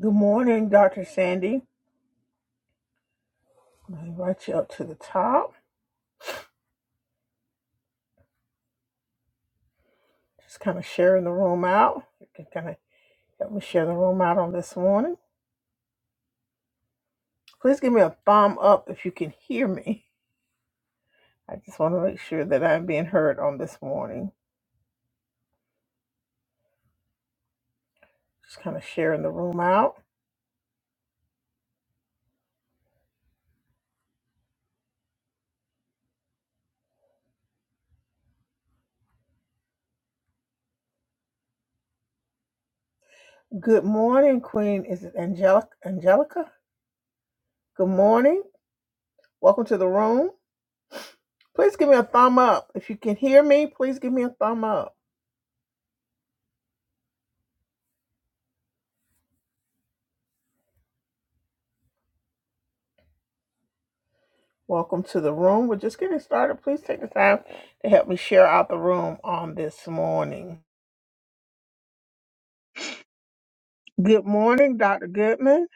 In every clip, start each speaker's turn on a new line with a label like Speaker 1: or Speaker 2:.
Speaker 1: Good morning, Dr. Sandy. I'm going to invite you up to the top. Just kind of sharing the room out. You can kind of help me share the room out on this morning. Please give me a thumb up if you can hear me. I just want to make sure that I'm being heard on this morning. Just kind of sharing the room out. Good morning, Queen. Is it Angelica? Angelica? Good morning. Welcome to the room. Please give me a thumb up. If you can hear me, please give me a thumb up. Welcome to the room. We're just getting started. Please take the time to help me share out the room on this morning. Good morning, Dr. Goodman.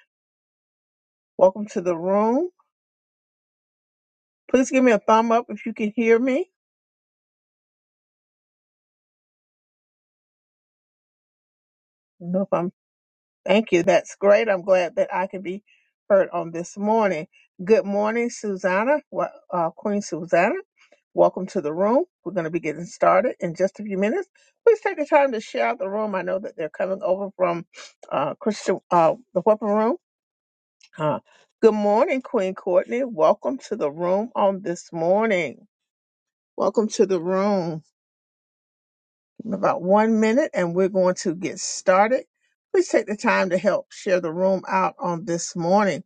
Speaker 1: Welcome to the room. Please give me a thumb up if you can hear me. I don't know if I'm thank you. That's great. I'm glad that I can be heard on this morning. Good morning, Susanna. Wel- Uh, Queen Susanna. Welcome to the room. We're going to be getting started in just a few minutes. Please take the time to share out the room. I know that they're coming over from uh, Christian uh, the Weapon Room Huh. Good morning, Queen Courtney. Welcome to the room on this morning. Welcome to the room. In about one minute, and we're going to get started. Please take the time to help share the room out on this morning.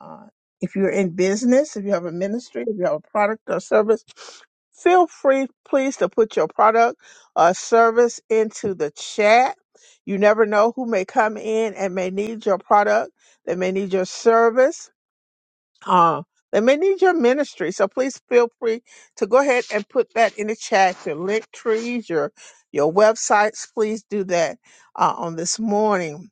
Speaker 1: Uh, if you're in business, if you have a ministry, if you have a product or service, feel free, please, to put your product or service into the chat. You never know who may come in and may need your product. They may need your service uh, they may need your ministry. So please feel free to go ahead and put that in the chat. Your link trees, your your websites, please do that uh, on this morning.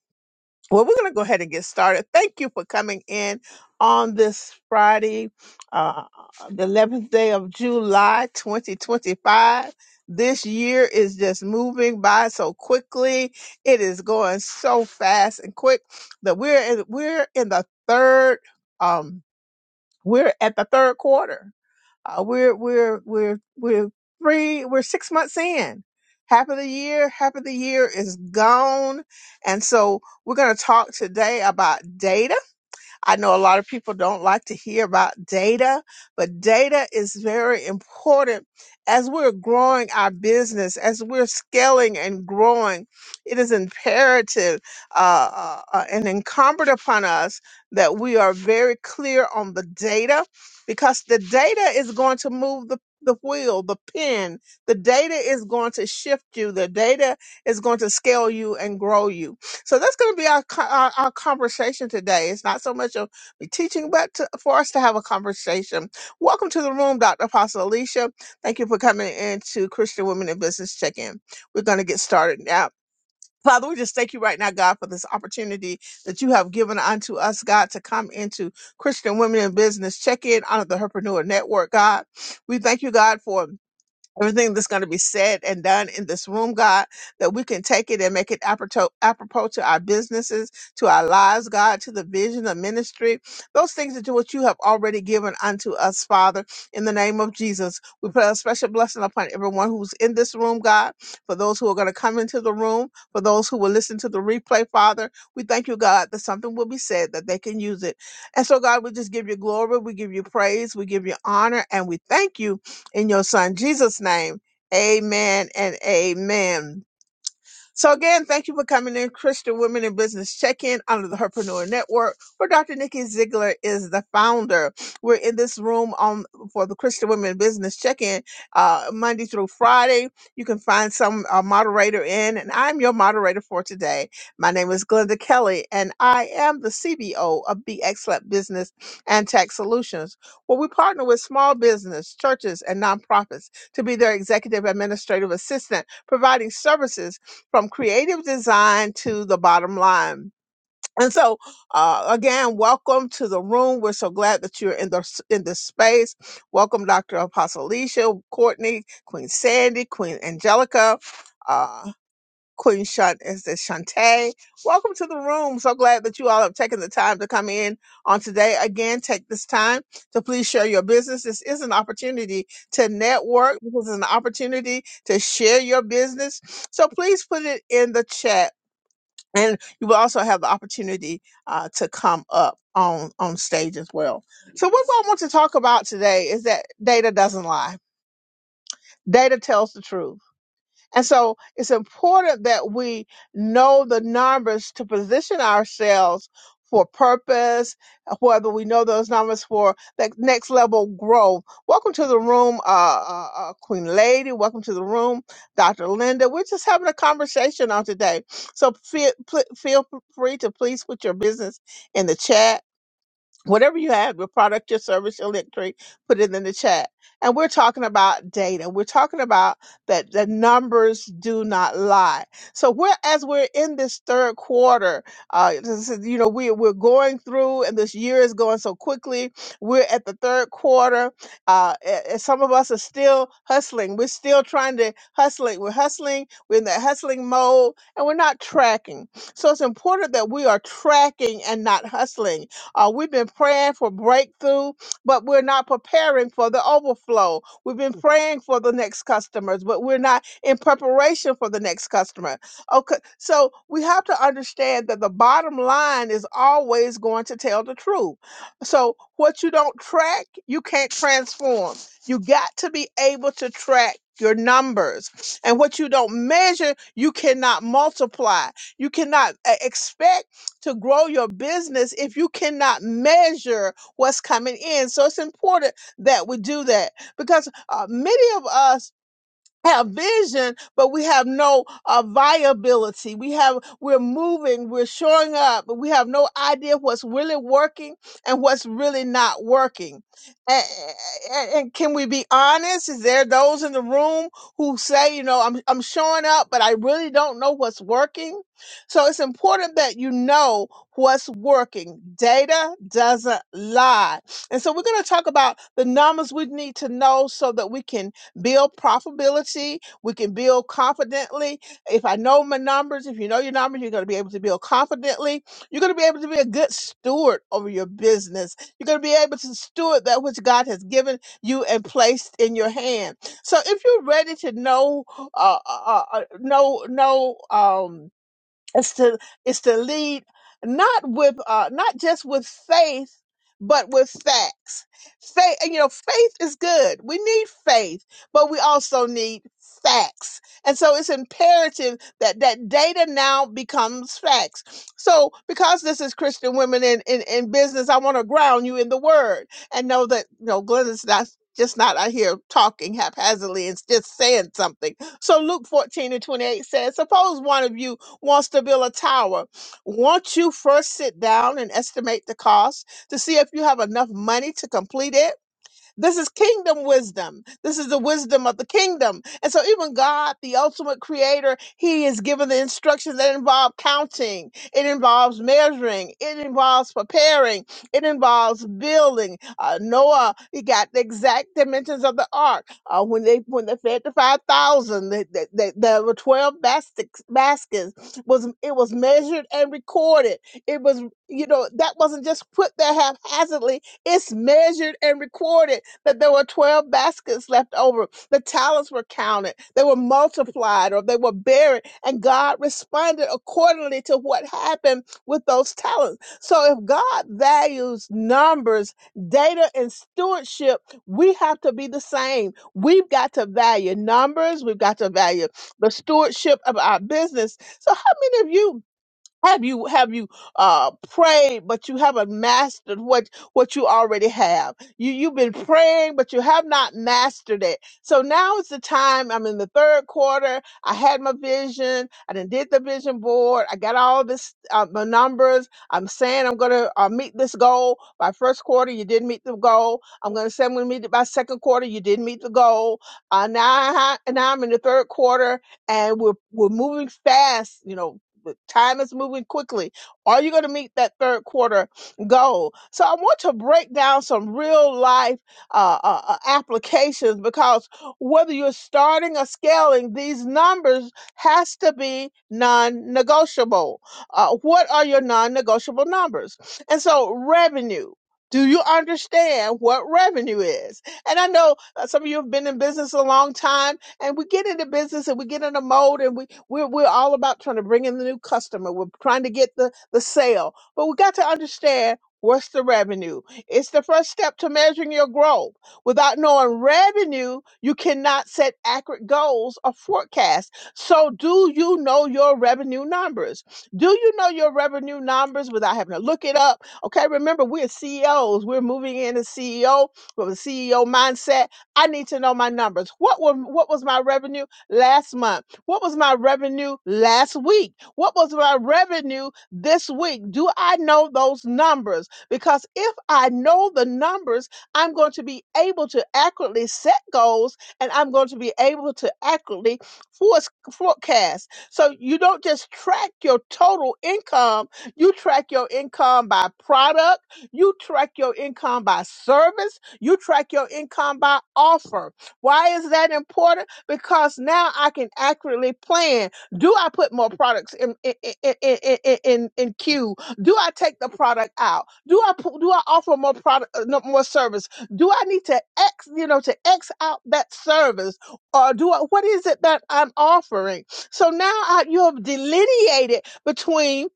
Speaker 1: Well, we're going to go ahead and get started. Thank you for coming in on this Friday, uh, the 11th day of July, 2025. This year is just moving by so quickly. It is going so fast and quick that we're in, we're in the third. Um, we're at the third quarter. Uh, we're we're we're we're three we're six months in. Half of the year, half of the year is gone, and so we're going to talk today about data I know a lot of people don't like to hear about data, but data is very important as we're growing our business, as we're scaling and growing. It is imperative uh, uh, uh, and incumbent upon us that we are very clear on the data because the data is going to move the the wheel, the pin, the data is going to shift you. The data is going to scale you and grow you. So that's going to be our, co- our our conversation today. It's not so much of me teaching, but to, for us to have a conversation. Welcome to the room, Dr. Apostle Alicia. Thank you for coming into Christian Women in Business Check-in. We're going to get started now. Father, we just thank you right now, God, for this opportunity that you have given unto us, God, to come into Christian Women in Business Check-in on the Herpreneur Network, God. We thank you, God, for everything that's going to be said and done in this room, God, that we can take it and make it apropos, apropos to our businesses, to our lives, God, to the vision of ministry, those things that you, what you have already given unto us, Father, in the name of Jesus. We put a special blessing upon everyone who's in this room, God, for those who are going to come into the room, for those who will listen to the replay, Father. We thank you, God, that something will be said that they can use it. And so, God, we just give you glory, we give you praise, we give you honor, and we thank you in your son Jesus' name, amen and amen. So again, thank you for coming in, Christian Women in Business Check-in under the Herpreneur Network, where Dr. Nikki Ziegler is the founder. We're in this room on for the Christian Women in Business Check-in uh, Monday through Friday. You can find some uh, moderator in, and I'm your moderator for today. My name is Glenda Kelly, and I am the CBO of Be Excellent Business and Tech Solutions, where we partner with small business, churches, and nonprofits to be their executive administrative assistant, providing services from creative design to the bottom line. And so, uh, again, welcome to the room. We're so glad that you're in the in this space. Welcome, Dr. Apostle Alicia, Courtney, Queen Sandy, Queen Angelica. uh, Queen Shant and says, Shantae, welcome to the room. So glad that you all have taken the time to come in on today. Again, take this time to please share your business. This is an opportunity to network. This is an opportunity to share your business. So please put it in the chat. And you will also have the opportunity uh, to come up on, on stage as well. So what I want to talk about today is that data doesn't lie. Data tells the truth. And so it's important that we know the numbers to position ourselves for purpose, whether we know those numbers for that next level growth. Welcome to the room, uh, uh, uh, Queen Lady. Welcome to the room, Dr. Linda. We're just having a conversation on today. So feel, pl- feel free to please put your business in the chat whatever you have, your product, your service, your electric, put it in the chat. And we're talking about data. We're talking about that the numbers do not lie. So we're as we're in this third quarter, uh, this is- you know, we we're going through, and this year is going so quickly. We're at the third quarter, uh, a- and some of us are still hustling. We're still trying to hustling. We're hustling. We're in that hustling mode, and we're not tracking. So it's important that we are tracking and not hustling uh, we've been praying for breakthrough, but we're not preparing for the overflow. We've been praying for the next customers, but we're not in preparation for the next customer. Okay, so we have to understand that the bottom line is always going to tell the truth. So what you don't track, you can't transform. You got to be able to track your numbers. And what you don't measure, you cannot multiply. You cannot uh, expect to grow your business if you cannot measure what's coming in. So it's important that we do that because uh, many of us have vision, but we have no uh, viability. We have, we're moving, we're showing up, but we have no idea what's really working and what's really not working. And, and, and can we be honest? Is there those in the room who say, you know, I'm, I'm showing up, but I really don't know what's working? So it's important that you know what's working. Data doesn't lie. And so we're going to talk about the numbers we need to know so that we can build profitability. We can build confidently. If I know my numbers, if you know your numbers, you're going to be able to build confidently. You're going to be able to be a good steward over your business. You're going to be able to steward that which God has given you and placed in your hand. So if you're ready to know, uh, uh, uh, uh, know, know, um, it's to it's to lead not with uh not just with faith but with facts faith you know faith is good we need faith but we also need facts and so it's imperative that that data now becomes facts so because this is christian women in in, in business i want to ground you in the word and know that you know Glenda's not just not out here talking haphazardly and just saying something so luke 14 and 28 says suppose one of you wants to build a tower. Won't you first sit down and estimate the cost to see if you have enough money to complete it? This is kingdom wisdom. This is the wisdom of the kingdom. And so, even God, the ultimate creator, he is given the instructions that involve counting, it involves measuring, it involves preparing, it involves building. Uh, Noah, he got the exact dimensions of the ark. Uh, when they when they fed the 5,000, they, they, they, there were 12 baskets, baskets. Was, it was measured and recorded. It was, you know, that wasn't just put there haphazardly it's measured and recorded that there were 12 baskets left over. The talents were counted, they were multiplied, or they were buried. And God responded accordingly to what happened with those talents. So if God values numbers, data, and stewardship, we have to be the same. We've got to value numbers, we've got to value the stewardship of our business. So, how many of you have you have you uh prayed but you haven't mastered what what you already have? You you've been praying but you have not mastered it. So now is the time. I'm in the third quarter. I had my vision. I done did the vision board. I got all this uh, my numbers. I'm saying I'm gonna uh, meet this goal by first quarter. You didn't meet the goal. I'm gonna say I'm gonna meet it by second quarter. You didn't meet the goal. Uh, now I, now I'm in the third quarter and we're we're moving fast. You know, but time is moving quickly. Are you going to meet that third quarter goal? So I want to break down some real life uh, uh, uh, applications because whether you're starting or scaling, these numbers has to be non-negotiable. Uh, what are your non-negotiable numbers? And so revenue. Do you understand what revenue is? And I know uh, some of you have been in business a long time and we get into business and we get in a mode and we we're, we're all about trying to bring in the new customer we're trying to get the the sale but we got to understand what's the revenue it's the first step to measuring your growth without knowing revenue you cannot set accurate goals or forecasts so do you know your revenue numbers do you know your revenue numbers without having to look it up okay remember we're ceos we're moving in as ceo with a ceo mindset I need to know my numbers. What were what was my revenue last month? What was my revenue last week? What was my revenue this week? Do I know those numbers? Because if I know the numbers, I'm going to be able to accurately set goals and I'm going to be able to accurately force- forecast. So you don't just track your total income, you track your income by product, you track your income by service, you track your income by offer. Why is that important? Because now I can accurately plan. Do I put more products in in in in, in, in in queue? Do I take the product out? Do I pu- do I offer more product uh, no, more service? Do I need to x you know to x out that service or do I what is it that I'm offering? So now I, you have delineated between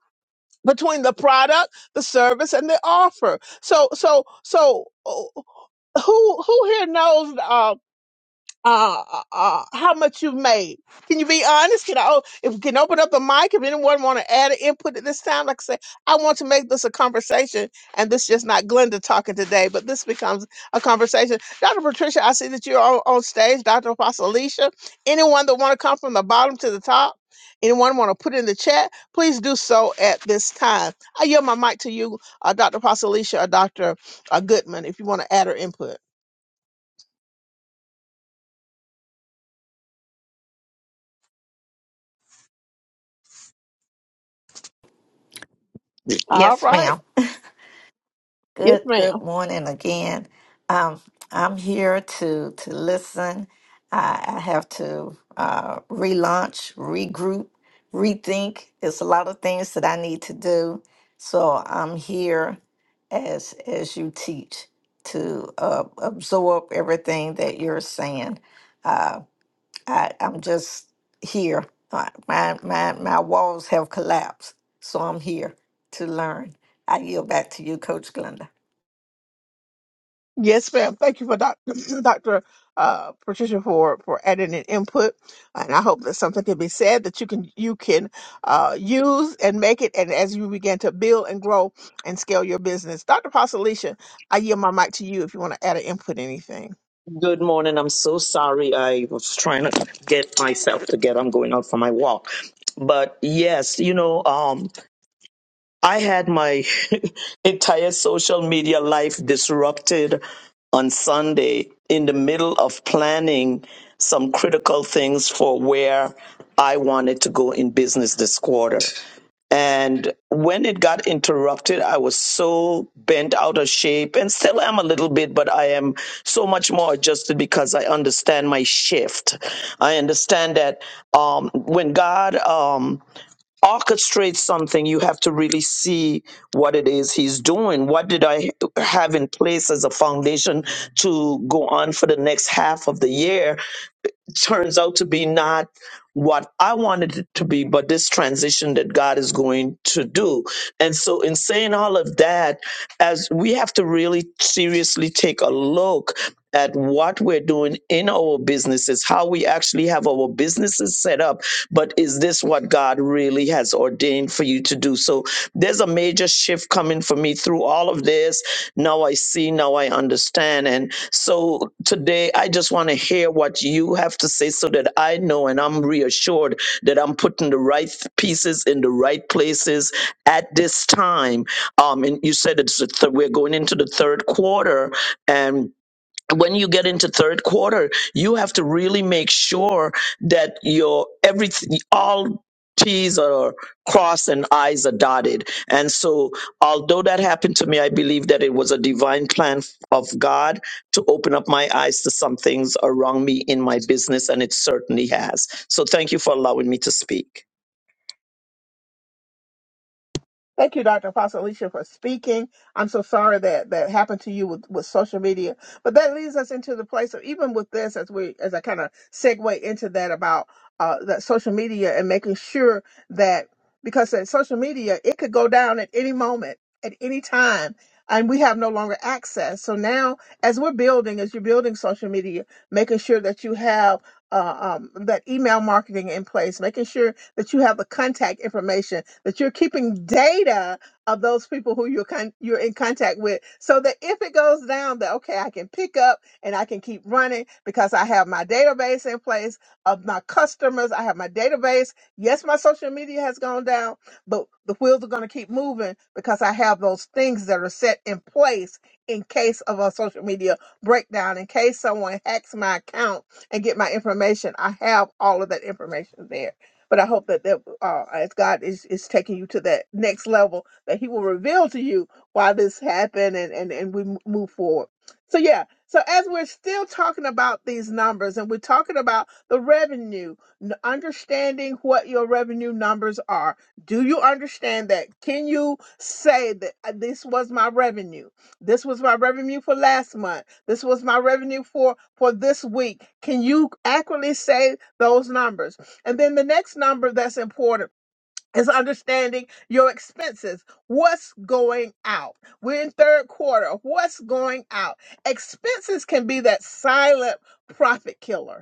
Speaker 1: between the product, the service, and the offer. So so so. oh, who who here knows uh, uh, uh, how much you've made? Can you be honest? Can I oh, if we can open up the mic? If anyone want to add an input at this time, like I say, I want to make this a conversation, and this just not Glenda talking today, but this becomes a conversation. Dr. Patricia, I see that you're on, on stage. Dr. Apostle Alicia, anyone that want to come from the bottom to the top, anyone want to put in the chat, please do so at this time. I yield my mic to you, uh, Dr. Apostle Alicia or Dr. Uh, Goodman, if you want to add or input. All
Speaker 2: Yes,
Speaker 1: right.
Speaker 2: ma'am.
Speaker 1: Yes,
Speaker 2: Good
Speaker 1: ma'am.
Speaker 2: good morning again. Um, I'm here to to listen. I, I have to uh, relaunch, regroup, rethink. There's a lot of things that I need to do. So I'm here as as you teach to uh, absorb everything that you're saying. Uh, I, I'm just here. Uh, My, my, my walls have collapsed, so I'm here to learn. I yield back to you, Coach Glenda.
Speaker 1: Yes, ma'am. Thank you for doc- Dr. Uh, Patricia for, for adding an input. And I hope that something can be said that you can, you can, uh, use and make it. And as you begin to build and grow and scale your business, Dr. Pasalicia, I yield my mic to you if you want to add an input, anything.
Speaker 3: Good morning. I'm so sorry. I was trying to get myself together. I'm going out for my walk. But yes, you know, um, I had my entire social media life disrupted on Sunday in the middle of planning some critical things for where I wanted to go in business this quarter. And when it got interrupted, I was so bent out of shape and still am a little bit, but I am so much more adjusted because I understand my shift. I understand that um, when God um, orchestrates something, you have to really see what it is He's doing. What did I have in place as a foundation to go on for the next half of the year? turns out to be not what I wanted it to be, but this transition that God is going to do. And so, in saying all of that, as we have to really seriously take a look at what we're doing in our businesses, how we actually have our businesses set up, but is this what God really has ordained for you to do? So there's a major shift coming for me through all of this. Now I see, now I understand. And so today I just want to hear what you have to say so that I know and I'm reassured that I'm putting the right pieces in the right places at this time um, and you said it's the th- we're going into the third quarter and when you get into third quarter you have to really make sure that your everything all t's are crossed and i's are dotted and so although that happened to me i believe that it was a divine plan of god to open up my eyes to some things around me in my business and it certainly has so thank you for allowing me to speak
Speaker 1: Thank you, Dr. Apostle Alicia, for speaking. I'm so sorry that that happened to you with, with social media, but that leads us into the place of even with this, as we as I kind of segue into that about uh, that social media and making sure that because that social media it could go down at any moment, at any time, and we have no longer access. So now, as we're building, as you're building social media, making sure that you have uh, um, that email marketing in place, making sure that you have the contact information, that you're keeping data of those people who you're con- you're in contact with, so that if it goes down, that okay, I can pick up and I can keep running because I have my database in place of my customers. I have my database. Yes, my social media has gone down, but the wheels are going to keep moving because I have those things that are set in place in case of a social media breakdown, in case someone hacks my account and get my information, I have all of that information there. But I hope that, that uh, as God is, is taking you to that next level, that He will reveal to you why this happened and, and, and we m- move forward. So, yeah, so as we're still talking about these numbers and we're talking about the revenue, n- understanding what your revenue numbers are, do you understand that? Can you say that uh, this was my revenue? This was my revenue for last month this was my revenue for for this week. Can you accurately say those numbers? And then the next number that's important is understanding your expenses. What's going out? We're in third quarter. What's going out? Expenses can be that silent profit killer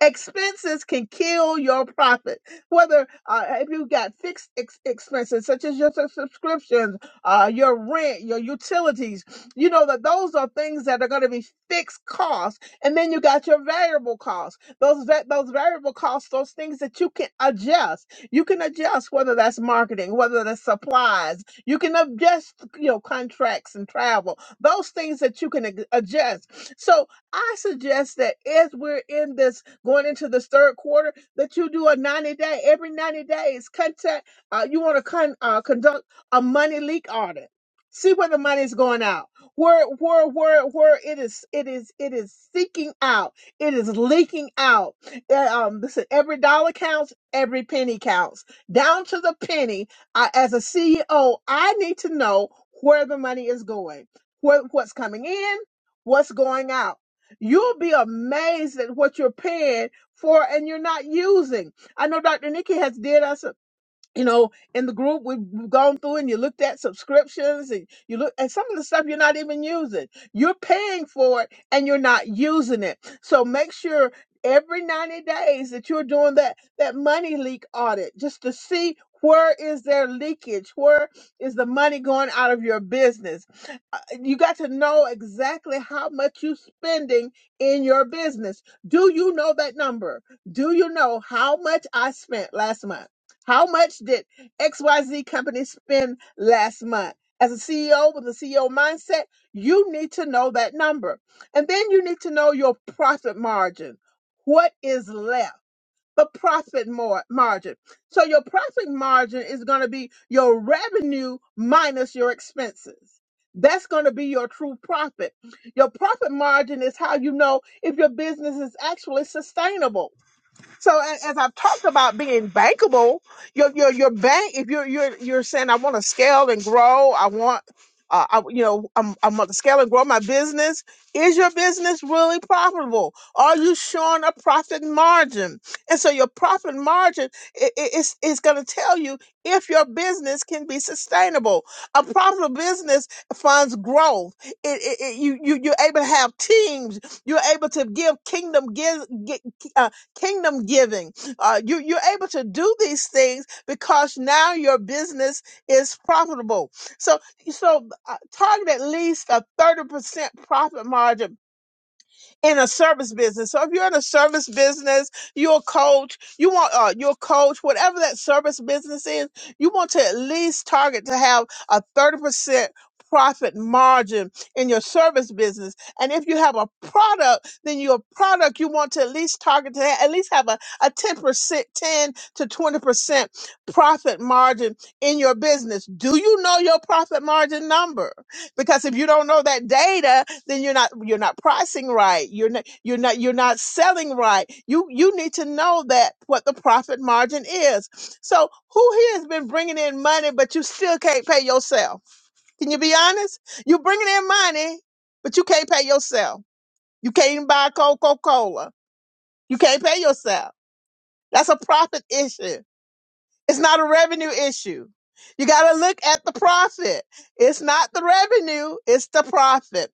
Speaker 1: Expenses can kill your profit. Whether uh, if you got fixed ex- expenses such as your sub- subscriptions, uh, your rent, your utilities, you know that those are things that are going to be fixed costs. And then you got your variable costs. Those va- those variable costs, those things that you can adjust. You can adjust whether that's marketing, whether that's supplies. You can adjust, you know, contracts and travel. Those things that you can ag- adjust. So I suggest that as we're in this going into this third quarter, that you do a 90 day, every 90 days, contact, uh, you want to con, uh, conduct a money leak audit. See where the money is going out, where where where where it is it is it is seeking out, it is leaking out. Uh, um, listen, every dollar counts, every penny counts, down to the penny. I, as a CEO, I need to know where the money is going, what what's coming in, what's going out. You'll be amazed at what you're paying for and you're not using. I know Dr. Nikki has did us you know, in the group we've we've gone through and you looked at subscriptions and you look at some of the stuff you're not even using. You're paying for it and you're not using it. So make sure every 90 days that you're doing that that money leak audit just to see where is there leakage? Where is the money going out of your business? Uh, You got to know exactly how much you're spending in your business. Do you know that number? Do you know how much I spent last month? How much did XYZ company spend last month? As a CEO with a CEO mindset, you need to know that number. And then you need to know your profit margin. What is left? But profit more margin. So your profit margin is going to be your revenue minus your expenses. That's going to be your true profit. Your profit margin is how you know if your business is actually sustainable. So a- as I've talked about being bankable, your your your bank. If you're you're you're saying I want to scale and grow, I want, uh, I you know I'm I'm going to scale and grow my business. Is your business really profitable? Are you showing a profit margin? And so your profit margin i i- is is going to tell you if your business can be sustainable. A profitable business funds growth. It, it, it- you you you're able to have teams. You're able to give kingdom give kingdom giving. Uh, you, you're able to do these things because now your business is profitable. So, so uh, target at least a 30% profit margin in a service business. So if you're in a service business, you're a coach, you want uh, you're a coach, whatever that service business is, you want to at least target to have a 30% profit margin in your service business. And if you have a product, then your product you want to at least target to have, at least have a, a 10%, 10 to 20% profit margin in your business. Do you know your profit margin number? Because if you don't know that data, then you're not you're not pricing right you're not you're not you're not selling right you you need to know that what the profit margin is so who here has been bringing in money but you still can't pay yourself can you be honest you're bringing in money but you can't pay yourself you can't even buy coca-cola you can't pay yourself that's a profit issue it's not a revenue issue. You got to look at the profit. It's not the revenue, it's the profit.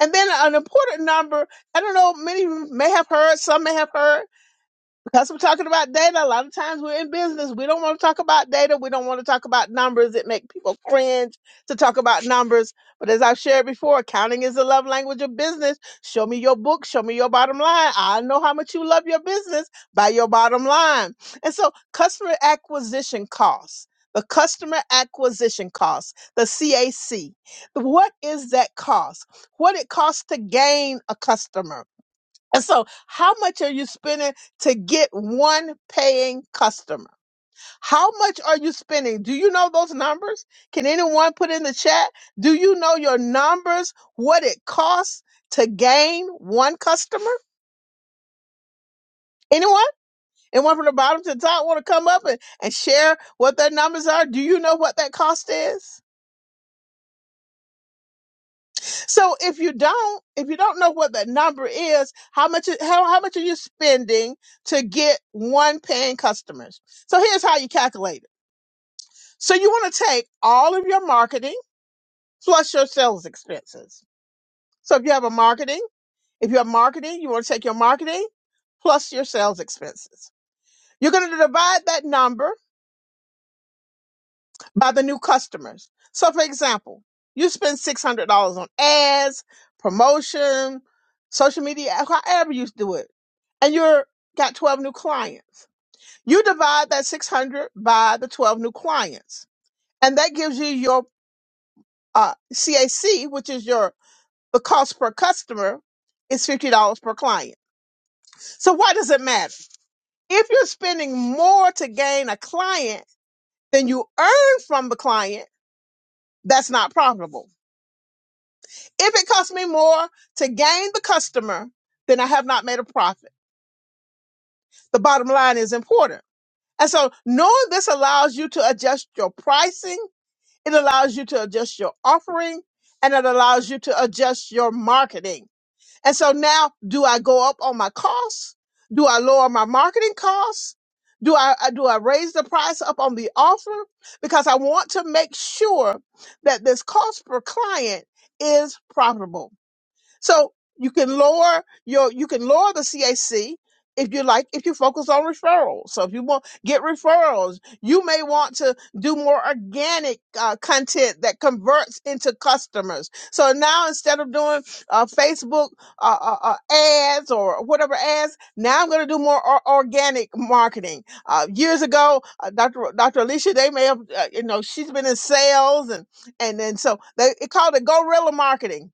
Speaker 1: And then an important number, I don't know, many may have heard, some may have heard, because we're talking about data, a lot of times we're in business. We don't want to talk about data. We don't want to talk about numbers. It makes people cringe to talk about numbers. But as I've shared before, accounting is the love language of business. Show me your book. Show me your bottom line. I know how much you love your business by your bottom line. And so customer acquisition costs. The customer acquisition costs, the CAC. What is that cost? What it costs to gain a customer? And so, how much are you spending to get one paying customer? How much are you spending? Do you know those numbers? Can anyone put in the chat? Do you know your numbers? What it costs to gain one customer? Anyone? Anyone from the bottom to the top want to come up and, and share what their numbers are? Do you know what that cost is? So if you don't, if you don't know what that number is, how much how, how much are you spending to get one paying customers? So here's how you calculate it. So you want to take all of your marketing plus your sales expenses. So if you have a marketing, if you have marketing, you want to take your marketing plus your sales expenses. You're going to divide that number by the new customers. So, for example, you spend six hundred dollars on ads, promotion, social media, however you do it, and you're got twelve new clients. You divide that six hundred by the twelve new clients, and that gives you your uh, CAC, which is your the cost per customer is fifty dollars per client. So, why does it matter? If you're spending more to gain a client than you earn from the client, that's not profitable If it costs me more to gain the customer, then I have not made a profit. The bottom line is important. And so knowing this allows you to adjust your pricing, it allows you to adjust your offering, and it allows you to adjust your marketing. And so now, do I go up on my costs? Do I lower my marketing costs? Do I I- do I raise the price up on the offer? Because I want to make sure that this cost per client is profitable. So you can lower your you can lower the CAC if you like if you focus on referrals. So if you want get referrals, you may want to do more organic uh, content that converts into customers. So now instead of doing uh, Facebook uh, uh, uh, ads or whatever ads, now I'm going to do more or- organic marketing. Uh, years ago, uh, Dr. Ro- Dr. Alicia, they may have uh, you know she's been in sales and and then so they it called it guerrilla marketing.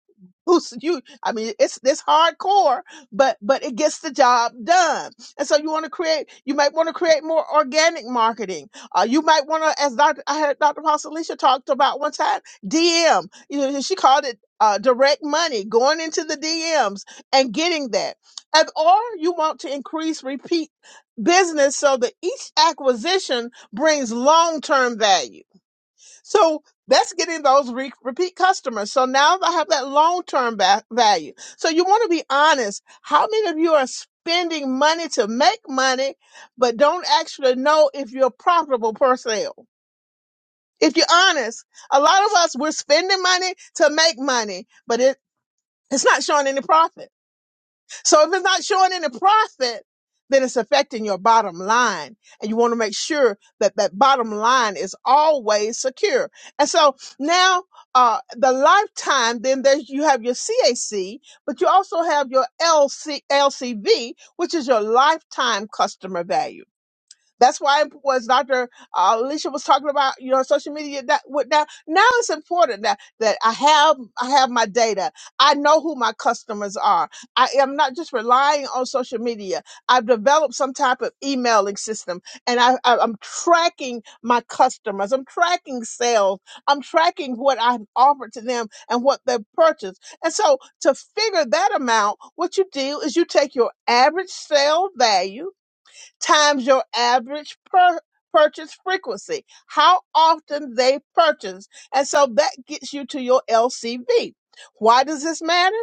Speaker 1: Who's you? I mean, it's it's hardcore, but but it gets the job done. And so you want to create, you might want to create more organic marketing. Uh, you might want to, as Dr. I heard Dr. Pastor Alicia talked about one time, DM. You know, she called it uh, direct money, going into the DMs and getting that. And or you want to increase repeat business so that each acquisition brings long term value so that's getting those re- repeat customers. So now I have that long term ba- value. So you want to be honest. How many of you are spending money to make money, but don't actually know if you're profitable per sale? If you're honest, a lot of us we're spending money to make money, but it, it's not showing any profit. So if it's not showing any profit, then it's affecting your bottom line. And you want to make sure that that bottom line is always secure. And so now, uh, the lifetime, then there's, you have your CAC, but you also have your LCLCV, which is your lifetime customer value. That's why was Dr. uh, Alicia was talking about, you know, social media that with that now it's important that that I have I have my data. I know who my customers are. I am not just relying on social media. I've developed some type of emailing system and I, I I'm tracking my customers. I'm tracking sales. I'm tracking what I've offered to them and what they've purchased. And so to figure that amount, what you do is you take your average sale value times your average per- purchase frequency, how often they purchase. And so that gets you to your LCV. Why does this matter?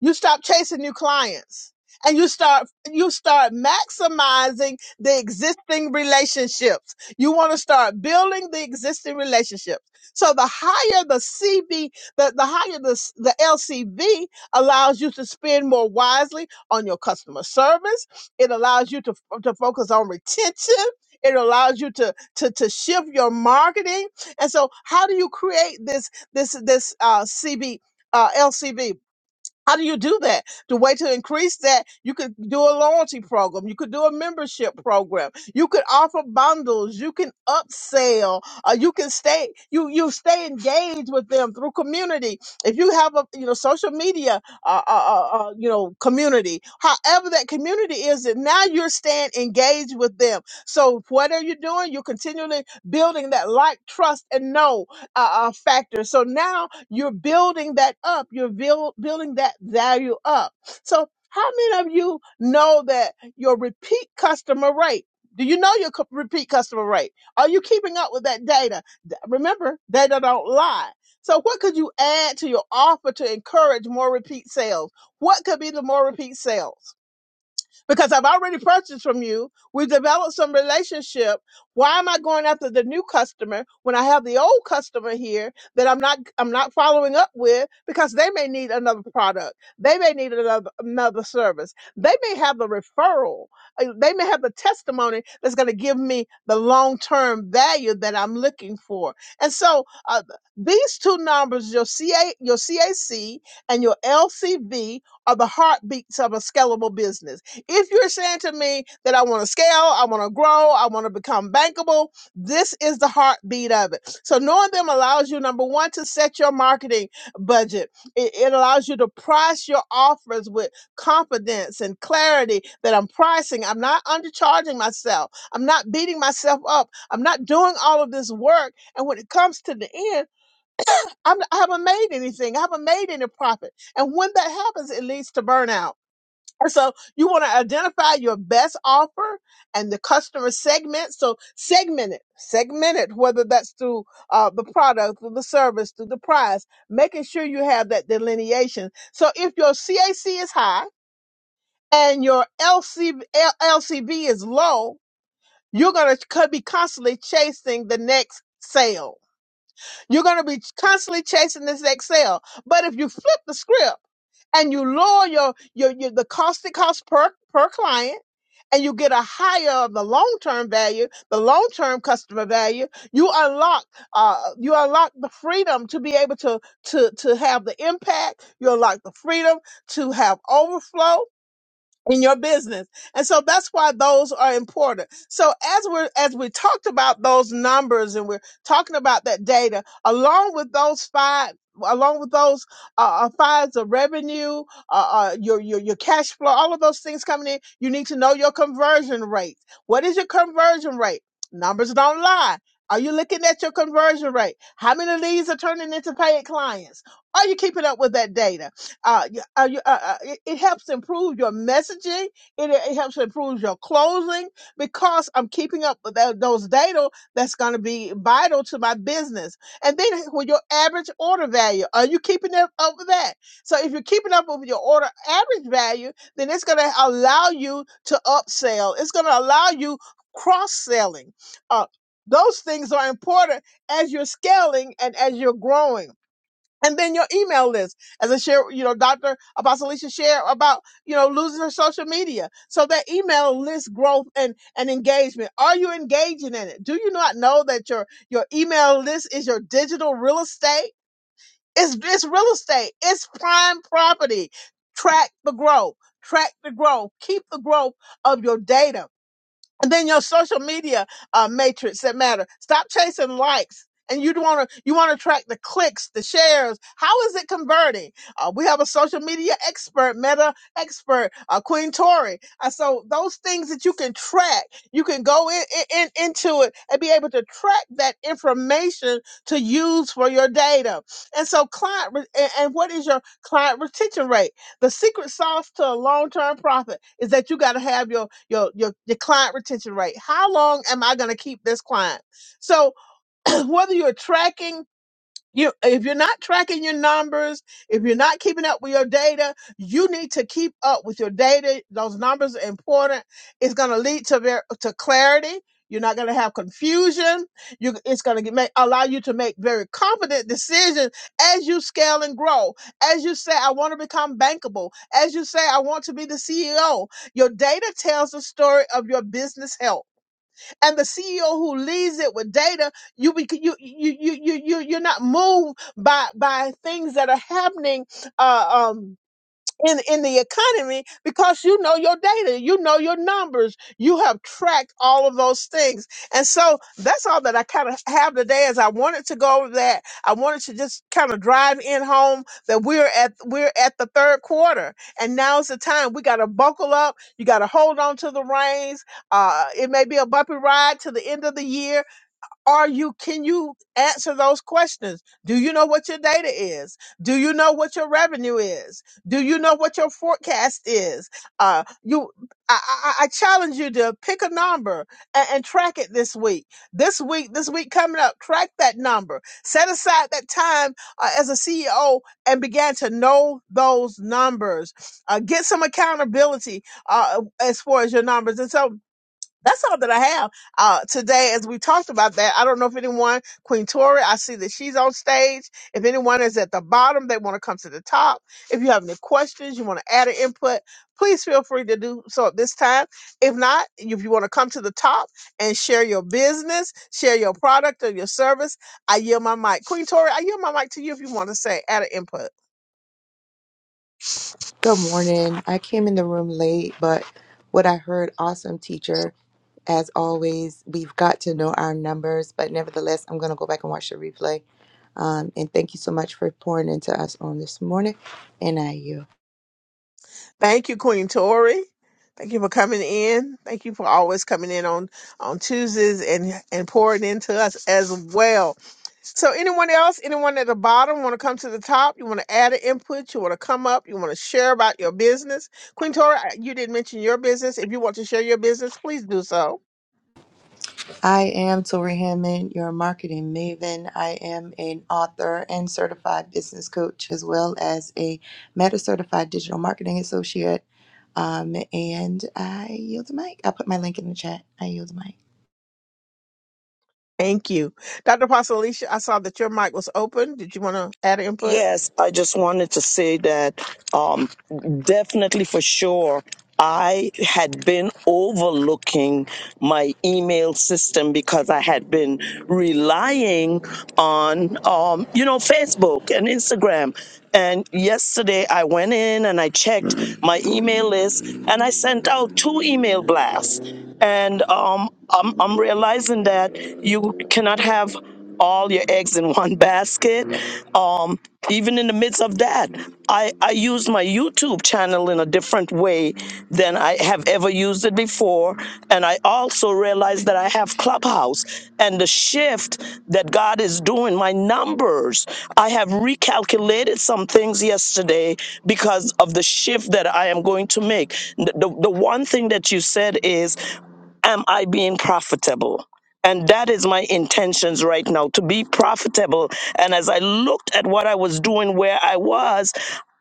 Speaker 1: You stop chasing new clients and you start you start maximizing the existing relationships. You want to start building the existing relationships. So the higher the CV, the, the higher the, the LCV allows you to spend more wisely on your customer service it allows you to, to focus on retention. It allows you to, to to shift your marketing. And so, how do you create this this this uh, CB? Uh, LCB. How do you do that? The way to increase that, you could do a loyalty program. You could do a membership program. You could offer bundles. You can upsell. Uh, you can stay, you, you stay engaged with them through community. If you have a, you know, social media, uh, uh, uh, uh, you know, community, however that community is, that now you're staying engaged with them. So what are you doing? You're continually building that like, trust, and know uh, uh, factor. So now you're building that up. You're build, building that value up. So how many of you know that your repeat customer rate? Do you know your cu- repeat customer rate? Are you keeping up with that data? D- Remember, data don't lie. So what could you add to your offer to encourage more repeat sales? What could be the more repeat sales? because I've already purchased from you. We've developed some relationship. Why am I going after the new customer when I have the old customer here that I'm not I'm not following up with because they may need another product. They may need another another service. They may have the referral. uh, They may have the testimony that's going to give me the long-term value that I'm looking for. And so uh, these two numbers, your CA, your CAC and your LCV are the heartbeats of a scalable business if you're saying to me that I want to scale, I want to grow, I want to become bankable, this is the heartbeat of it. So knowing them allows you, number one, to set your marketing budget. It, it allows you to price your offers with confidence and clarity that I'm pricing. I'm not undercharging myself. I'm not beating myself up. I'm not doing all of this work. And when it comes to the end, I'm, I haven't made anything. I haven't made any profit. And when that happens, it leads to burnout And so you want to identify your best offer and the customer segment. So segment it, segment it, whether that's through uh, the product, through the service, through the price, making sure you have that delineation. So if your CAC is high and your LC, L- LCV is low, you're going to be constantly chasing the next sale. You're going to be constantly chasing this next sale. But if you flip the script and you lower your, your, your the cost it costs per, per client, and you get a higher of the long-term value, the long-term customer value, you unlock uh, you unlock the freedom to be able to to to have the impact. You unlock the freedom to have overflow in your business. And so that's why those are important. So as we're as we talked about those numbers and we're talking about that data, along with those five along with those uh, uh files of revenue uh, uh your, your your cash flow all of those things coming in you need to know your conversion rate what is your conversion rate numbers don't lie are you looking at your conversion rate how many leads are turning into paid clients are you keeping up with that data uh, y- uh, y- uh, uh, it, it helps improve your messaging. It, it helps improve your closing because I'm keeping up with tho- those data that's going to be vital to my business. And then with your average order value, are you keeping up up with that? So if you're keeping up with your order average value, then it's going to allow you to upsell. It's going to allow you cross selling. Uh, those things are important as you're scaling and as you're growing and then your email list as i share you know dr apostolicia share about you know losing her social media so that email list growth and and engagement are you engaging in it do you not know that your your email list is your digital real estate it's it's real estate it's prime property track the growth track the growth keep the growth of your data and then your social media uh, matrix that matter. Stop chasing likes. And you want to you want to track the clicks, the shares. How is it converting? Uh, we have a social media expert, meta expert, uh, Queen Tori. Uh, so those things that you can track, you can go in, in into it and be able to track that information to use for your data. And so client re- and, and what is your client retention rate? the secret sauce to a long-term profit is that you got to have your, your your your client retention rate how long am i going to keep this client so whether you're tracking you, if you're not tracking your numbers, if you're not keeping up with your data, you need to keep up with your data. Those numbers are important. It's going to lead to ver- to clarity. You're not going to have confusion. You, it's going to make, allow you to make very confident decisions as you scale and grow. As you say, I want to become bankable. As you say, I want to be the CEO. Your data tells the story of your business health and the CEO who leads it with data, you bec- you you you you you you're not moved by by things that are happening. Uh, um in in the economy because you know your data, you know your numbers, you have tracked all of those things, and so that's all that I kind of have today. Is I wanted to go over that. I wanted to just kind of drive in home that we're at we're at the third quarter, and now's the time. We got to buckle up. You got to hold on to the reins. Uh, it may be a bumpy ride to the end of the year, are you can you answer those questions? Do you know what your data is? Do you know what your revenue is? Do you know what your forecast is? Uh you I, I, I challenge you to pick a number and, and track it this week. This week, this week coming up, track that number. Set aside that time uh, as a CEO and began to know those numbers. Uh, get some accountability uh, as far as your numbers. And so that's all that I have uh, today. As we talked about that, I don't know if anyone, Queen Tori, I see that she's on stage. If anyone is at the bottom, they want to come to the top. If you have any questions, you want to add an input, please feel free to do so at this time. If not, if you want to come to the top and share your business, share your product or your service, I yield my mic. Queen Tori, I yield my mic to you if you want to say add an input.
Speaker 4: Good morning. I came in the room late, but what I heard, awesome teacher. As always, we've got to know our numbers, but nevertheless, I'm going to go back and watch the replay. Um, and thank you so much for pouring into us on this morning. And I you.
Speaker 1: Thank you, Queen Tori. Thank you for coming in. Thank you for always coming in on on Tuesdays and and pouring into us as well. So, anyone else, anyone at the bottom, want to come to the top? You want to add an input? You want to come up? You want to share about your business? Queen Tora, I- you didn't mention your business. If you want to share your business, please do so.
Speaker 4: I am Tori Hammond, your marketing maven. I am an author and certified business coach, as well as a meta certified digital marketing associate. Um, and I yield the mic. I'll put my link in the chat. I yield the mic.
Speaker 1: Thank you. Dr. Pastor Alicia, I saw that your mic was open. Did you want to add input?
Speaker 3: Yes, I just wanted to say that um, definitely for sure. I had been overlooking my email system because I had been relying on, um, you know, Facebook and Instagram. And yesterday I went in and I checked my email list and I sent out two email blasts. And um, I'm, I'm realizing that you cannot have all your eggs in one basket. Um, even in the midst of that, I, I use my YouTube channel in a different way than I have ever used it before. And I also realized that I have Clubhouse and the shift that God is doing, my numbers. I have recalculated some things yesterday because of the shift that I am going to make. The, the, the one thing that you said is am I being profitable? And that is my intentions right now to be profitable. And as I looked at what I was doing, where I was,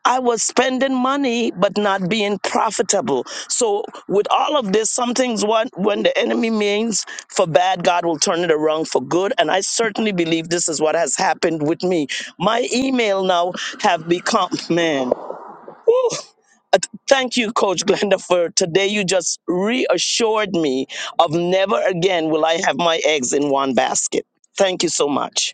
Speaker 3: I was spending money but not being profitable. So, with all of this, some things what when the enemy means for bad, God will turn it around for good. And I certainly believe this is what has happened with me. My email now have become man. Uh, th- Thank you, Coach Glenda, for today. You just reassured me of never again will I have my eggs in one basket. Thank you so much.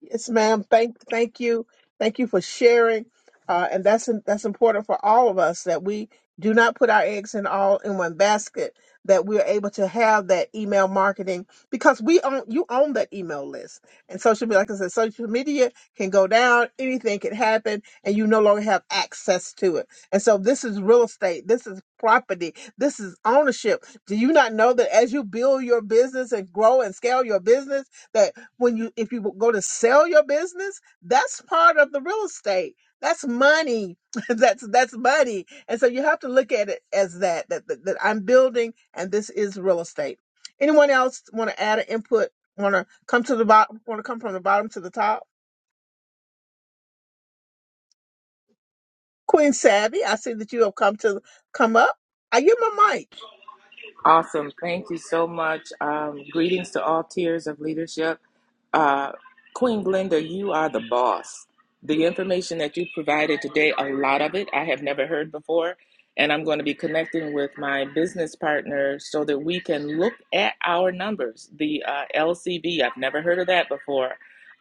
Speaker 1: Yes, ma'am. Thank, thank you, thank you for sharing. Uh, and that's that's important for all of us that we do not put our eggs in all in one basket. That we are able to have that email marketing because we own you own that email list and social media. Like I said, social media can go down, anything can happen, and you no longer have access to it. And so this is real estate. This is property. This is ownership. Do you not know that as you build your business and grow and scale your business? that when you if you go to sell your business that's part of the real estate that's money that's that's money and so you have to look at it as that that that, that i'm building and this is real estate anyone else want to add an input want to come to the bottom want to come from the bottom to the top queen savvy i see that you have come to come up i give my mic
Speaker 5: Awesome. Thank you so much. Um, greetings to all tiers of leadership. Uh, Queen Glenda, you are the boss. The information that you provided today, a lot of it I have never heard before. And I'm going to be connecting with my business partner so that we can look at our numbers. The uh, LCV, I've never heard of that before.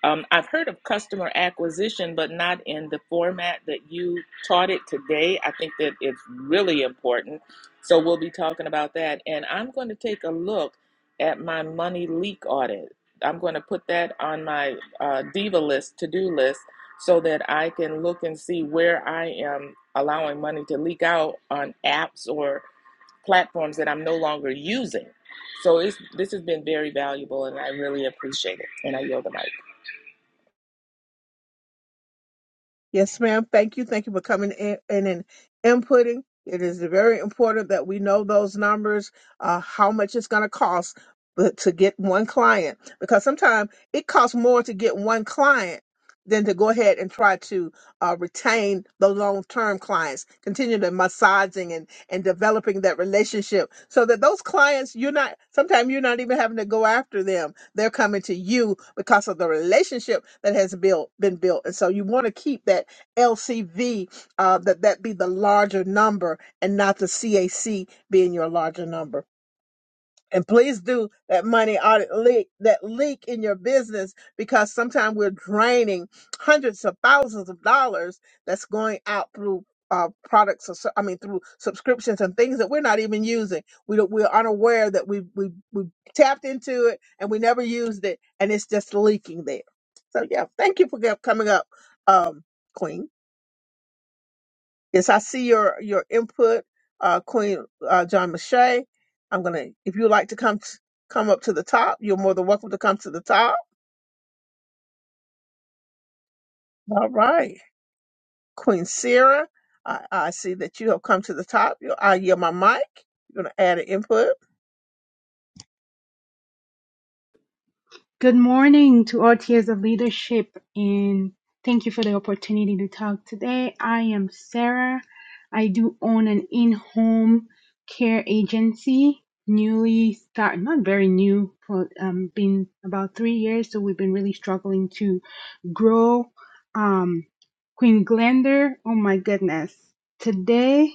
Speaker 5: Um, I've heard of customer acquisition, but not in the format that you taught it today. I think that it's really important so we'll be talking about that. And I'm going to take a look at my money leak audit. I'm going to put that on my uh, diva list, to do list, so that I can look and see where I am allowing money to leak out on apps or platforms that I'm no longer using. So it's, this has been very valuable, and I really appreciate it. And I yield the mic.
Speaker 1: Yes, ma'am. Thank you. Thank you for coming in, in and inputting. It is very important that we know those numbers, uh, how much it's going to cost but to get one client, because sometimes it costs more to get one client than to go ahead and try to uh, retain the long-term clients, continue the massaging and developing that relationship so that those clients you're not sometimes you're not even having to go after them they're coming to you because of the relationship that has built been built and so you want to keep that lcv uh, that that be the larger number and not the cac being your larger number and please do that money audit leak, that leak in your business, because sometimes we're draining hundreds of thousands of dollars that's going out through uh, products, or, so- I mean, through subscriptions and things that we're not even using. We don't, we're unaware that we, we, we tapped into it and we never used it, and it's just leaking there. So, yeah, thank you for coming up, um, Queen. Yes, I see your your input, uh, Queen uh, John Mache. I'm gonna, if you would like to come t- come up to the top, you're more than welcome to come to the top. All right, Queen Sarah, I, I see that you have come to the top. You, I yield my mic. You're gonna add an input.
Speaker 6: Good morning to all tiers of leadership, and thank you for the opportunity to talk today. I am Sarah. I do own an in home care agency, newly start, not very new, for um, been about three years, so we've been really struggling to grow. Um, Queen Glender, oh my goodness, today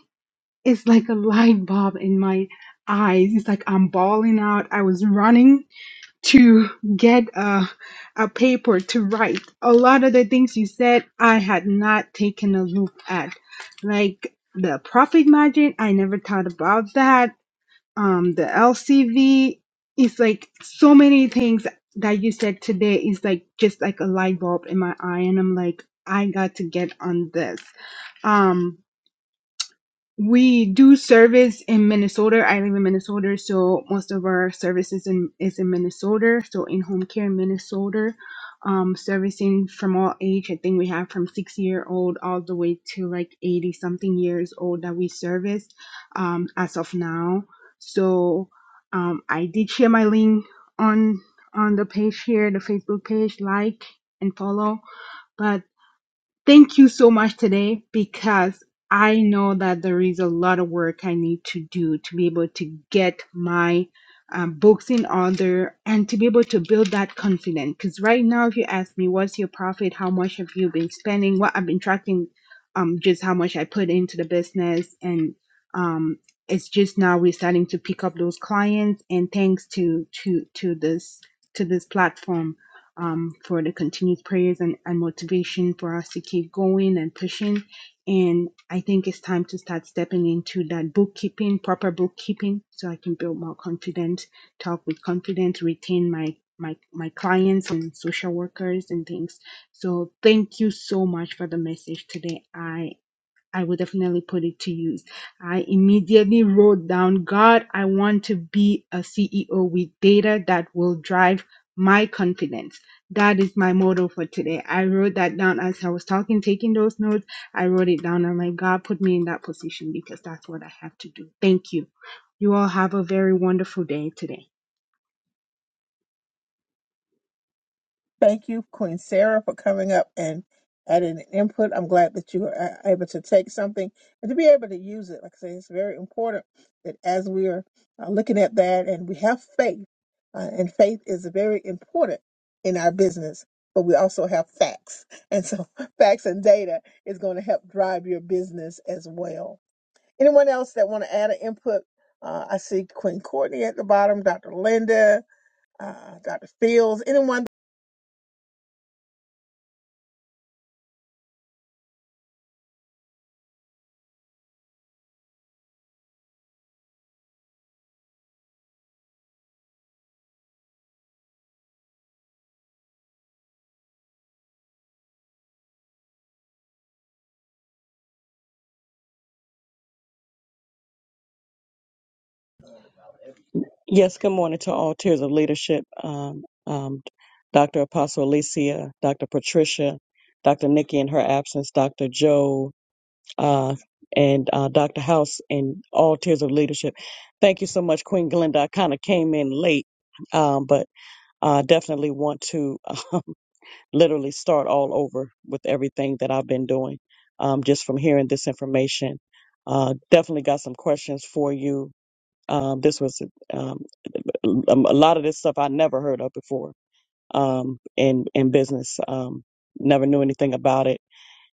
Speaker 6: is like a light bulb in my eyes. It's like I'm bawling out. I was running to get a, a paper to write. A lot of the things you said, I had not taken a look at. Like the profit margin, I never thought about that. Um, the LCV is like so many things that you said today is like just like a light bulb in my eye, and I'm like, I got to get on this. Um, we do service in Minnesota. I live in Minnesota, so most of our services in, is in Minnesota. So in home care in Minnesota, um, servicing from all age. I think we have from six year old all the way to like eighty something years old that we service, um, as of now. So, um, I did share my link on on the page here, the Facebook page. Like and follow. But Thank you so much today because I know that there is a lot of work I need to do to be able to get my um, books in order and to be able to build that confidence. Because right now, if you ask me, what's your profit? How much have you been spending? What I've been tracking, um, just how much I put into the business, and um, it's just now we're starting to pick up those clients. And thanks to to to this to this platform um, for the continued prayers and, and motivation for us to keep going and pushing. And I think it's time to start stepping into that bookkeeping, proper bookkeeping, so I can build more confidence, talk with confidence, retain my my my clients and social workers and things. So thank you so much for the message today. I. I will definitely put it to use. I immediately wrote down, God, I want to be a CEO with data that will drive my confidence. That is my motto for today. I wrote that down as I was talking, taking those notes. I wrote it down. I'm like, God, put me in that position because that's what I have to do. Thank you. You all have a very wonderful day today.
Speaker 1: Thank you, Queen Sarah, for coming up and adding an input. I'm glad that you are able to take something and to be able to use it. Like I say, it's very important that as we are uh, looking at that and we have faith, uh, and faith is very important in our business, but we also have facts. And so facts and data is going to help drive your business as well. Anyone else that want to add an input? Uh, I see Queen Courtney at the bottom, Dr. Linda, uh, Dr. Fields, anyone
Speaker 7: Yes, good morning to all tiers of leadership. Um, um, Dr. Apostle Alicia, Dr. Patricia, Dr. Nikki in her absence, Dr. Joe, uh, and uh, Dr. House, and all tiers of leadership. Thank you so much, Queen Glenda. I kind of came in late, um, but I definitely want to um, literally start all over with everything that I've been doing um, just from hearing this information. Uh, definitely got some questions for you. Um, this was. um, um, A lot of this stuff I never heard of before um, in in business. Um, never knew anything about it,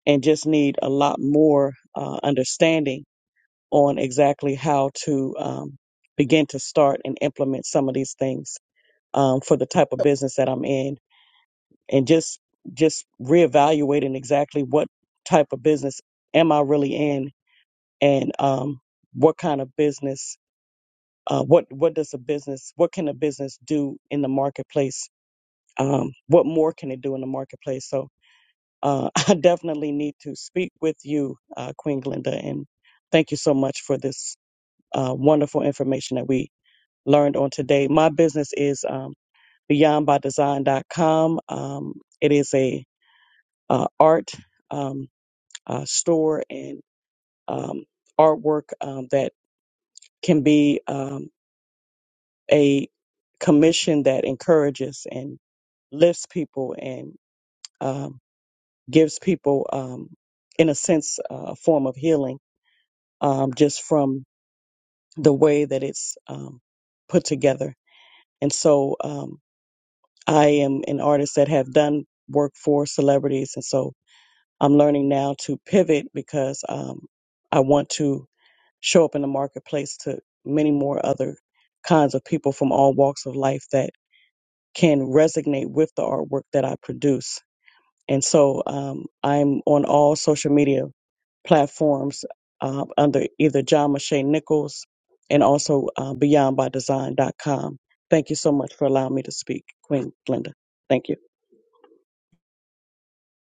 Speaker 7: and just need a lot more uh, understanding on exactly how to um, begin to start and implement some of these things um, for the type of business that I'm in, and just just reevaluating exactly what type of business am I really in, and um, what kind of business uh, what what does a business what can a business do in the marketplace um, what more can it do in the marketplace? So uh, I definitely need to speak with you, uh, Queen Glinda, and thank you so much for this uh, wonderful information that we learned on today. My business is um, beyondbydesign.com. Um, it is a uh, art um, uh, store and um, artwork um, that can be um, a commission that encourages and lifts people and um, gives people, um, in a sense, uh, a form of healing um, just from the way that it's um, put together. And so um, I am an artist that have done work for celebrities. And so I'm learning now to pivot because um, I want to show up in the marketplace to many more other kinds of people from all walks of life that can resonate with the artwork that I produce And so um, I'm on all social media platforms uh, under either John Mache Nichols and also uh, beyondbydesign.com. Thank you so much for allowing me to speak, Queen Glenda. Thank you.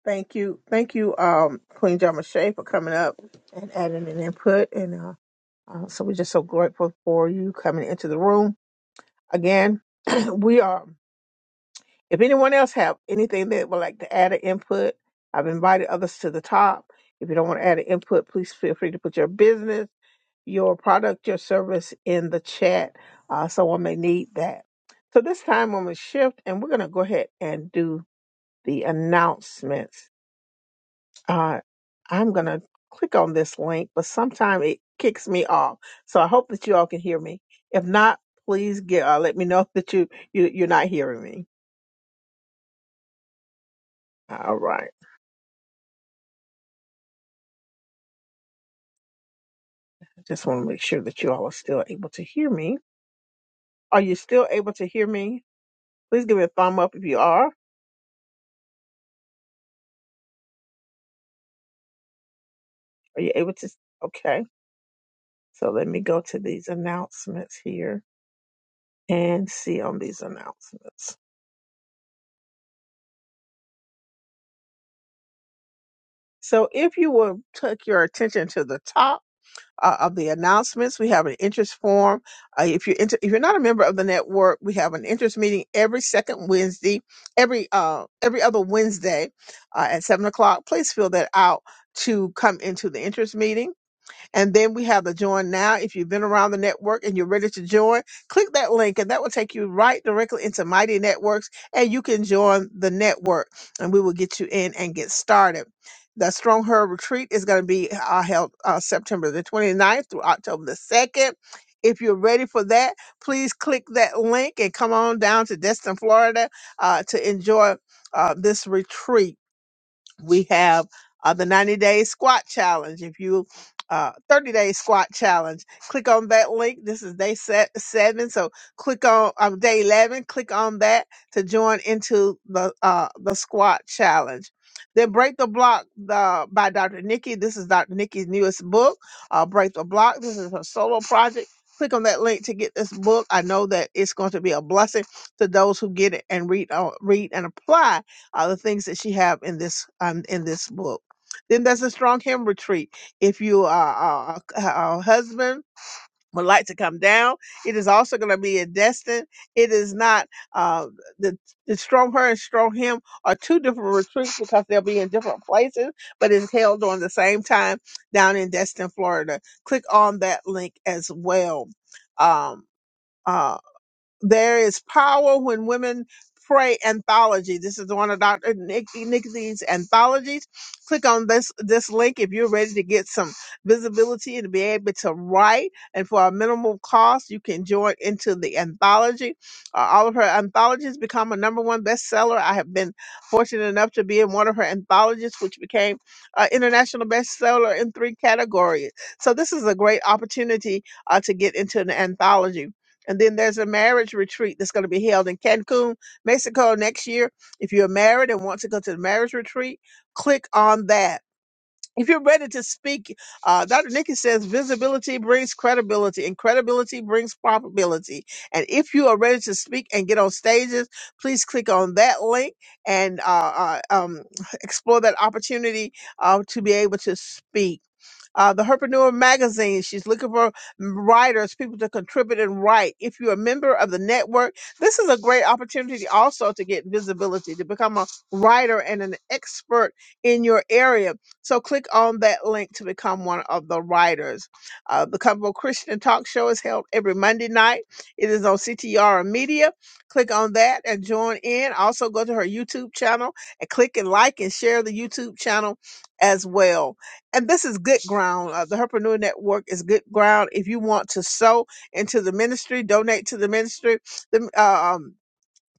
Speaker 1: Thank you. Thank you, um, Queen Jamashe, for coming up and adding an input. And uh, uh, so we're just so grateful for you coming into the room. Again, we are, if anyone else have anything that would like to add an input, I've invited others to the top. If you don't want to add an input, please feel free to put your business, your product, your service in the chat. Uh, someone may need that. So this time I'm going to shift and we're going to go ahead and do the announcements. uh, I'm going to click on this link, but sometime it kicks me off. So I hope that you all can hear me. If not, please get, uh, let me know that you, you you're not hearing me. All right. I just want to make sure that you all are still able to hear me. Are you still able to hear me? Please give me a thumb up if you are. Are you able to? Okay. So let me go to these announcements here and see on these announcements. So if you will take your attention to the top uh, of the announcements. We have an interest forum. Uh, if you're inter- if you're not a member of the network, we have an interest meeting every second Wednesday, every uh, every other Wednesday uh, at seven o'clock. Please fill that out to come into the interest meeting. And then we have the join now. If you've been around the network and you're ready to join, click that link and that will take you right directly into Mighty Networks and you can join the network and we will get you in and get started. The Strong Her Retreat is going to be uh, held uh, September the 29th through October the 2nd. If you're ready for that, please click that link and come on down to Destin, Florida uh, to enjoy uh, this retreat we have uh, the 90 day squat challenge. If you uh, 30 day squat challenge, click on that link. This is day set seven. So click on um, day 11, click on that to join into the, uh, the squat challenge. Then Break the Block the, by Dr. Nikki. This is Dr. Nikki's newest book, uh, Break the Block. This is her solo project. Click on that link to get this book. I know that it's going to be a blessing to those who get it and read, uh, read and apply uh, the things that she have in this um, in this book. Then there's a strong hymn retreat. If you are a, a a husband would like to come down, it is also going to be in Destin. It is not uh, the the strong her and strong him are two different retreats because they'll be in different places, but it's held during the same time down in Destin, Florida. Click on that link as well. Um, uh, there is power when women pray anthology. This is one of Dr. Nick, Nicky's anthologies. Click on this this link if you're ready to get some visibility and be able to write. And for a minimal cost, you can join into the anthology. Uh, all of her anthologies become a number one bestseller. I have been fortunate enough to be in one of her anthologies, which became an international bestseller in three categories. So this is a great opportunity uh, to get into an anthology. And then there's a marriage retreat that's going to be held in Cancun, Mexico next year. If you're married and want to go to the marriage retreat, click on that. If you're ready to speak, uh, Dr. Nikki says visibility brings credibility and credibility brings probability. And if you are ready to speak and get on stages, please click on that link and uh, uh, um, explore that opportunity uh, to be able to speak uh, the Herpreneur magazine. She's looking for writers, people to contribute and write. If you're a member of the network, this is a great opportunity also to get visibility, to become a writer and an expert in your area. So click on that link to become one of the writers. Uh, the Comfortable Christian Talk Show is held every Monday night. It is on CTR Media. Click on that and join in. Also go to her YouTube channel and click and like and share the YouTube channel as well and this is good ground. Uh, the Herpreneur Network is good ground. If you want to sow into the ministry, donate to the ministry. The, uh, um,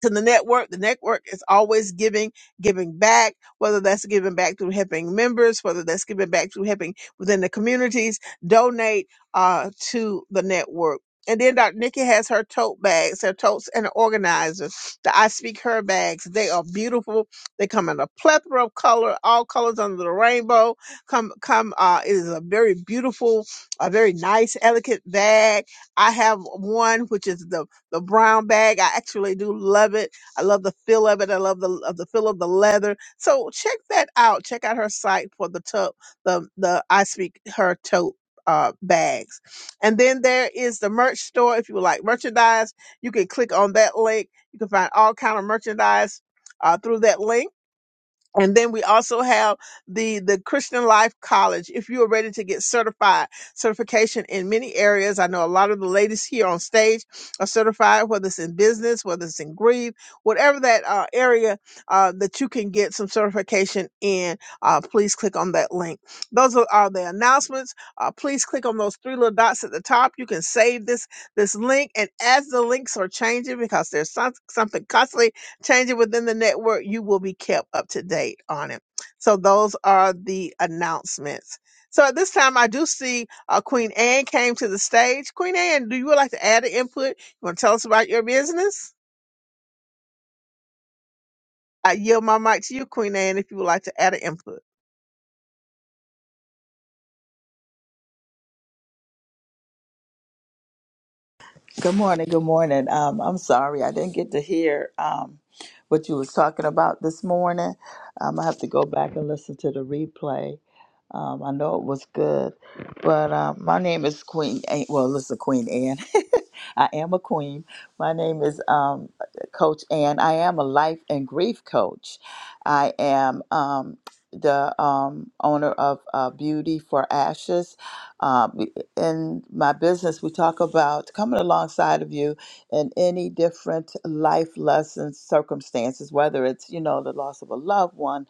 Speaker 1: to the network. The network is always giving, giving back, whether that's giving back through helping members, whether that's giving back through helping within the communities, donate uh, to the network. And then Dr. Nikki has her tote bags, her totes and organizers, the I Speak Her bags. They are beautiful. They come in a plethora of color, all colors under the rainbow. Come, come, uh, it is a very beautiful, a very nice, elegant bag. I have one, which is the the brown bag. I actually do love it. I love the feel of it. I love the of the feel of the leather. So check that out. Check out her site for the tote, the the I Speak Her tote uh bags. And then there is the merch store. If you would like merchandise, you can click on that link. You can find all kind of merchandise uh, through that link and then we also have the, the Christian Life College. If you are ready to get certified, certification in many areas. I know a lot of the ladies here on stage are certified, whether it's in business, whether it's in grief, whatever that uh, area uh, that you can get some certification in, uh, please click on that link. Those are, are the announcements. Uh, please click on those three little dots at the top. You can save this, this link. And as the links are changing, because there's some, something constantly change it within the network, you will be kept up to date on it. So those are the announcements. So at this time, I do see uh, Queen Anne came to the stage. Queen Anne, do you would like to add an input? You want to tell us about your business? I yield my mic to you, Queen Anne, if you would like to add an input.
Speaker 8: Good morning. Good morning. Um, I'm sorry I didn't get to hear um, what you was talking about this morning. Um, I have to go back and listen to the replay. Um, I know it was good, but um, my name is Queen. Ann- Well, listen, Queen Anne. I am a queen. My name is um, Coach Ann. I am a life and grief coach. I am um, the um, owner of uh, Beauty for Ashes. Um, in my business, we talk about coming alongside of you in any different life lessons, circumstances, whether it's, you know, the loss of a loved one,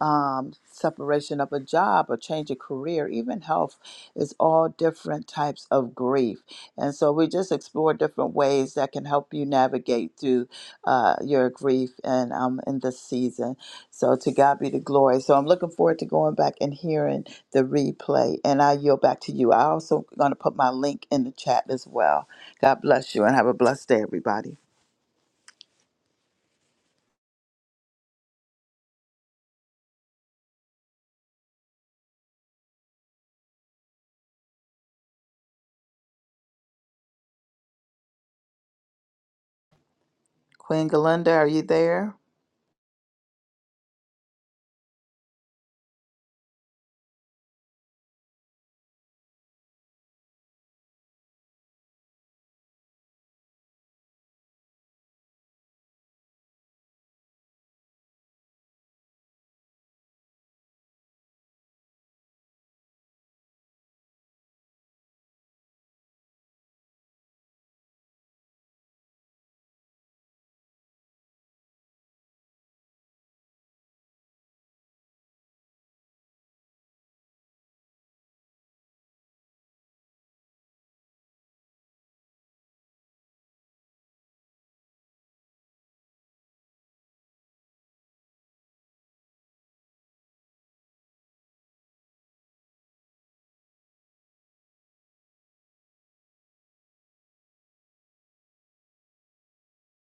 Speaker 8: um, separation of a job, a change of career, even health is all different types of grief. And so we just explore different ways that can help you navigate through uh, your grief and um, in this season. So to God be the glory. So I'm looking forward to going back and hearing the replay. And I yield back to you. I also going to put my link in the chat as well. God bless you and have a blessed day, everybody. Queen Galinda, are you there?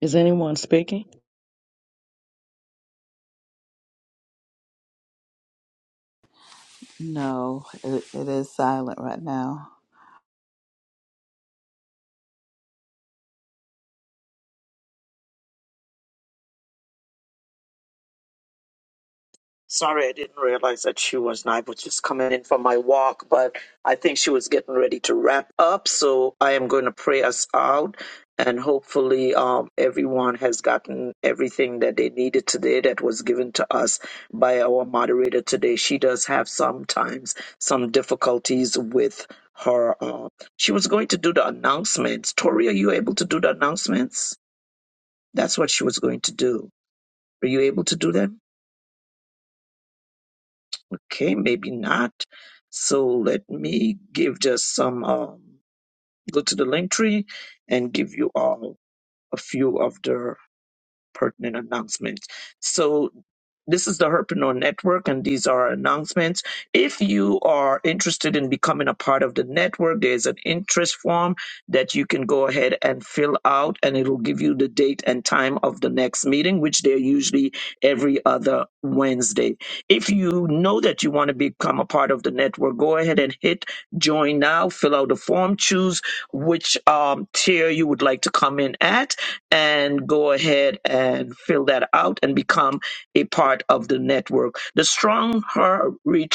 Speaker 7: Is anyone speaking?
Speaker 8: No, it, it is silent right now.
Speaker 3: Sorry, I didn't realize that she wasn't. I was just coming in from my walk, but I think she was getting ready to wrap up. So I am going to pray us out, and hopefully, um, everyone has gotten everything that they needed today that was given to us by our moderator today. She does have sometimes some difficulties with her. Uh, she was going to do the announcements. Tori, are you able to do the announcements? That's what she was going to do. Are you able to do that? okay, maybe not. So let me give just some, um, go to the link tree and give you all a few of the pertinent announcements. So this is the Herpreneur Network, and these are our announcements. If you are interested in becoming a part of the network, there's an interest form that you can go ahead and fill out, and it'll give you the date and time of the next meeting, which they're usually every other Wednesday. If you know that you want to become a part of the network, go ahead and hit join now, fill out the form, choose which um, tier you would like to come in at and go ahead and fill that out and become a part of the network. The Strong Her Retreat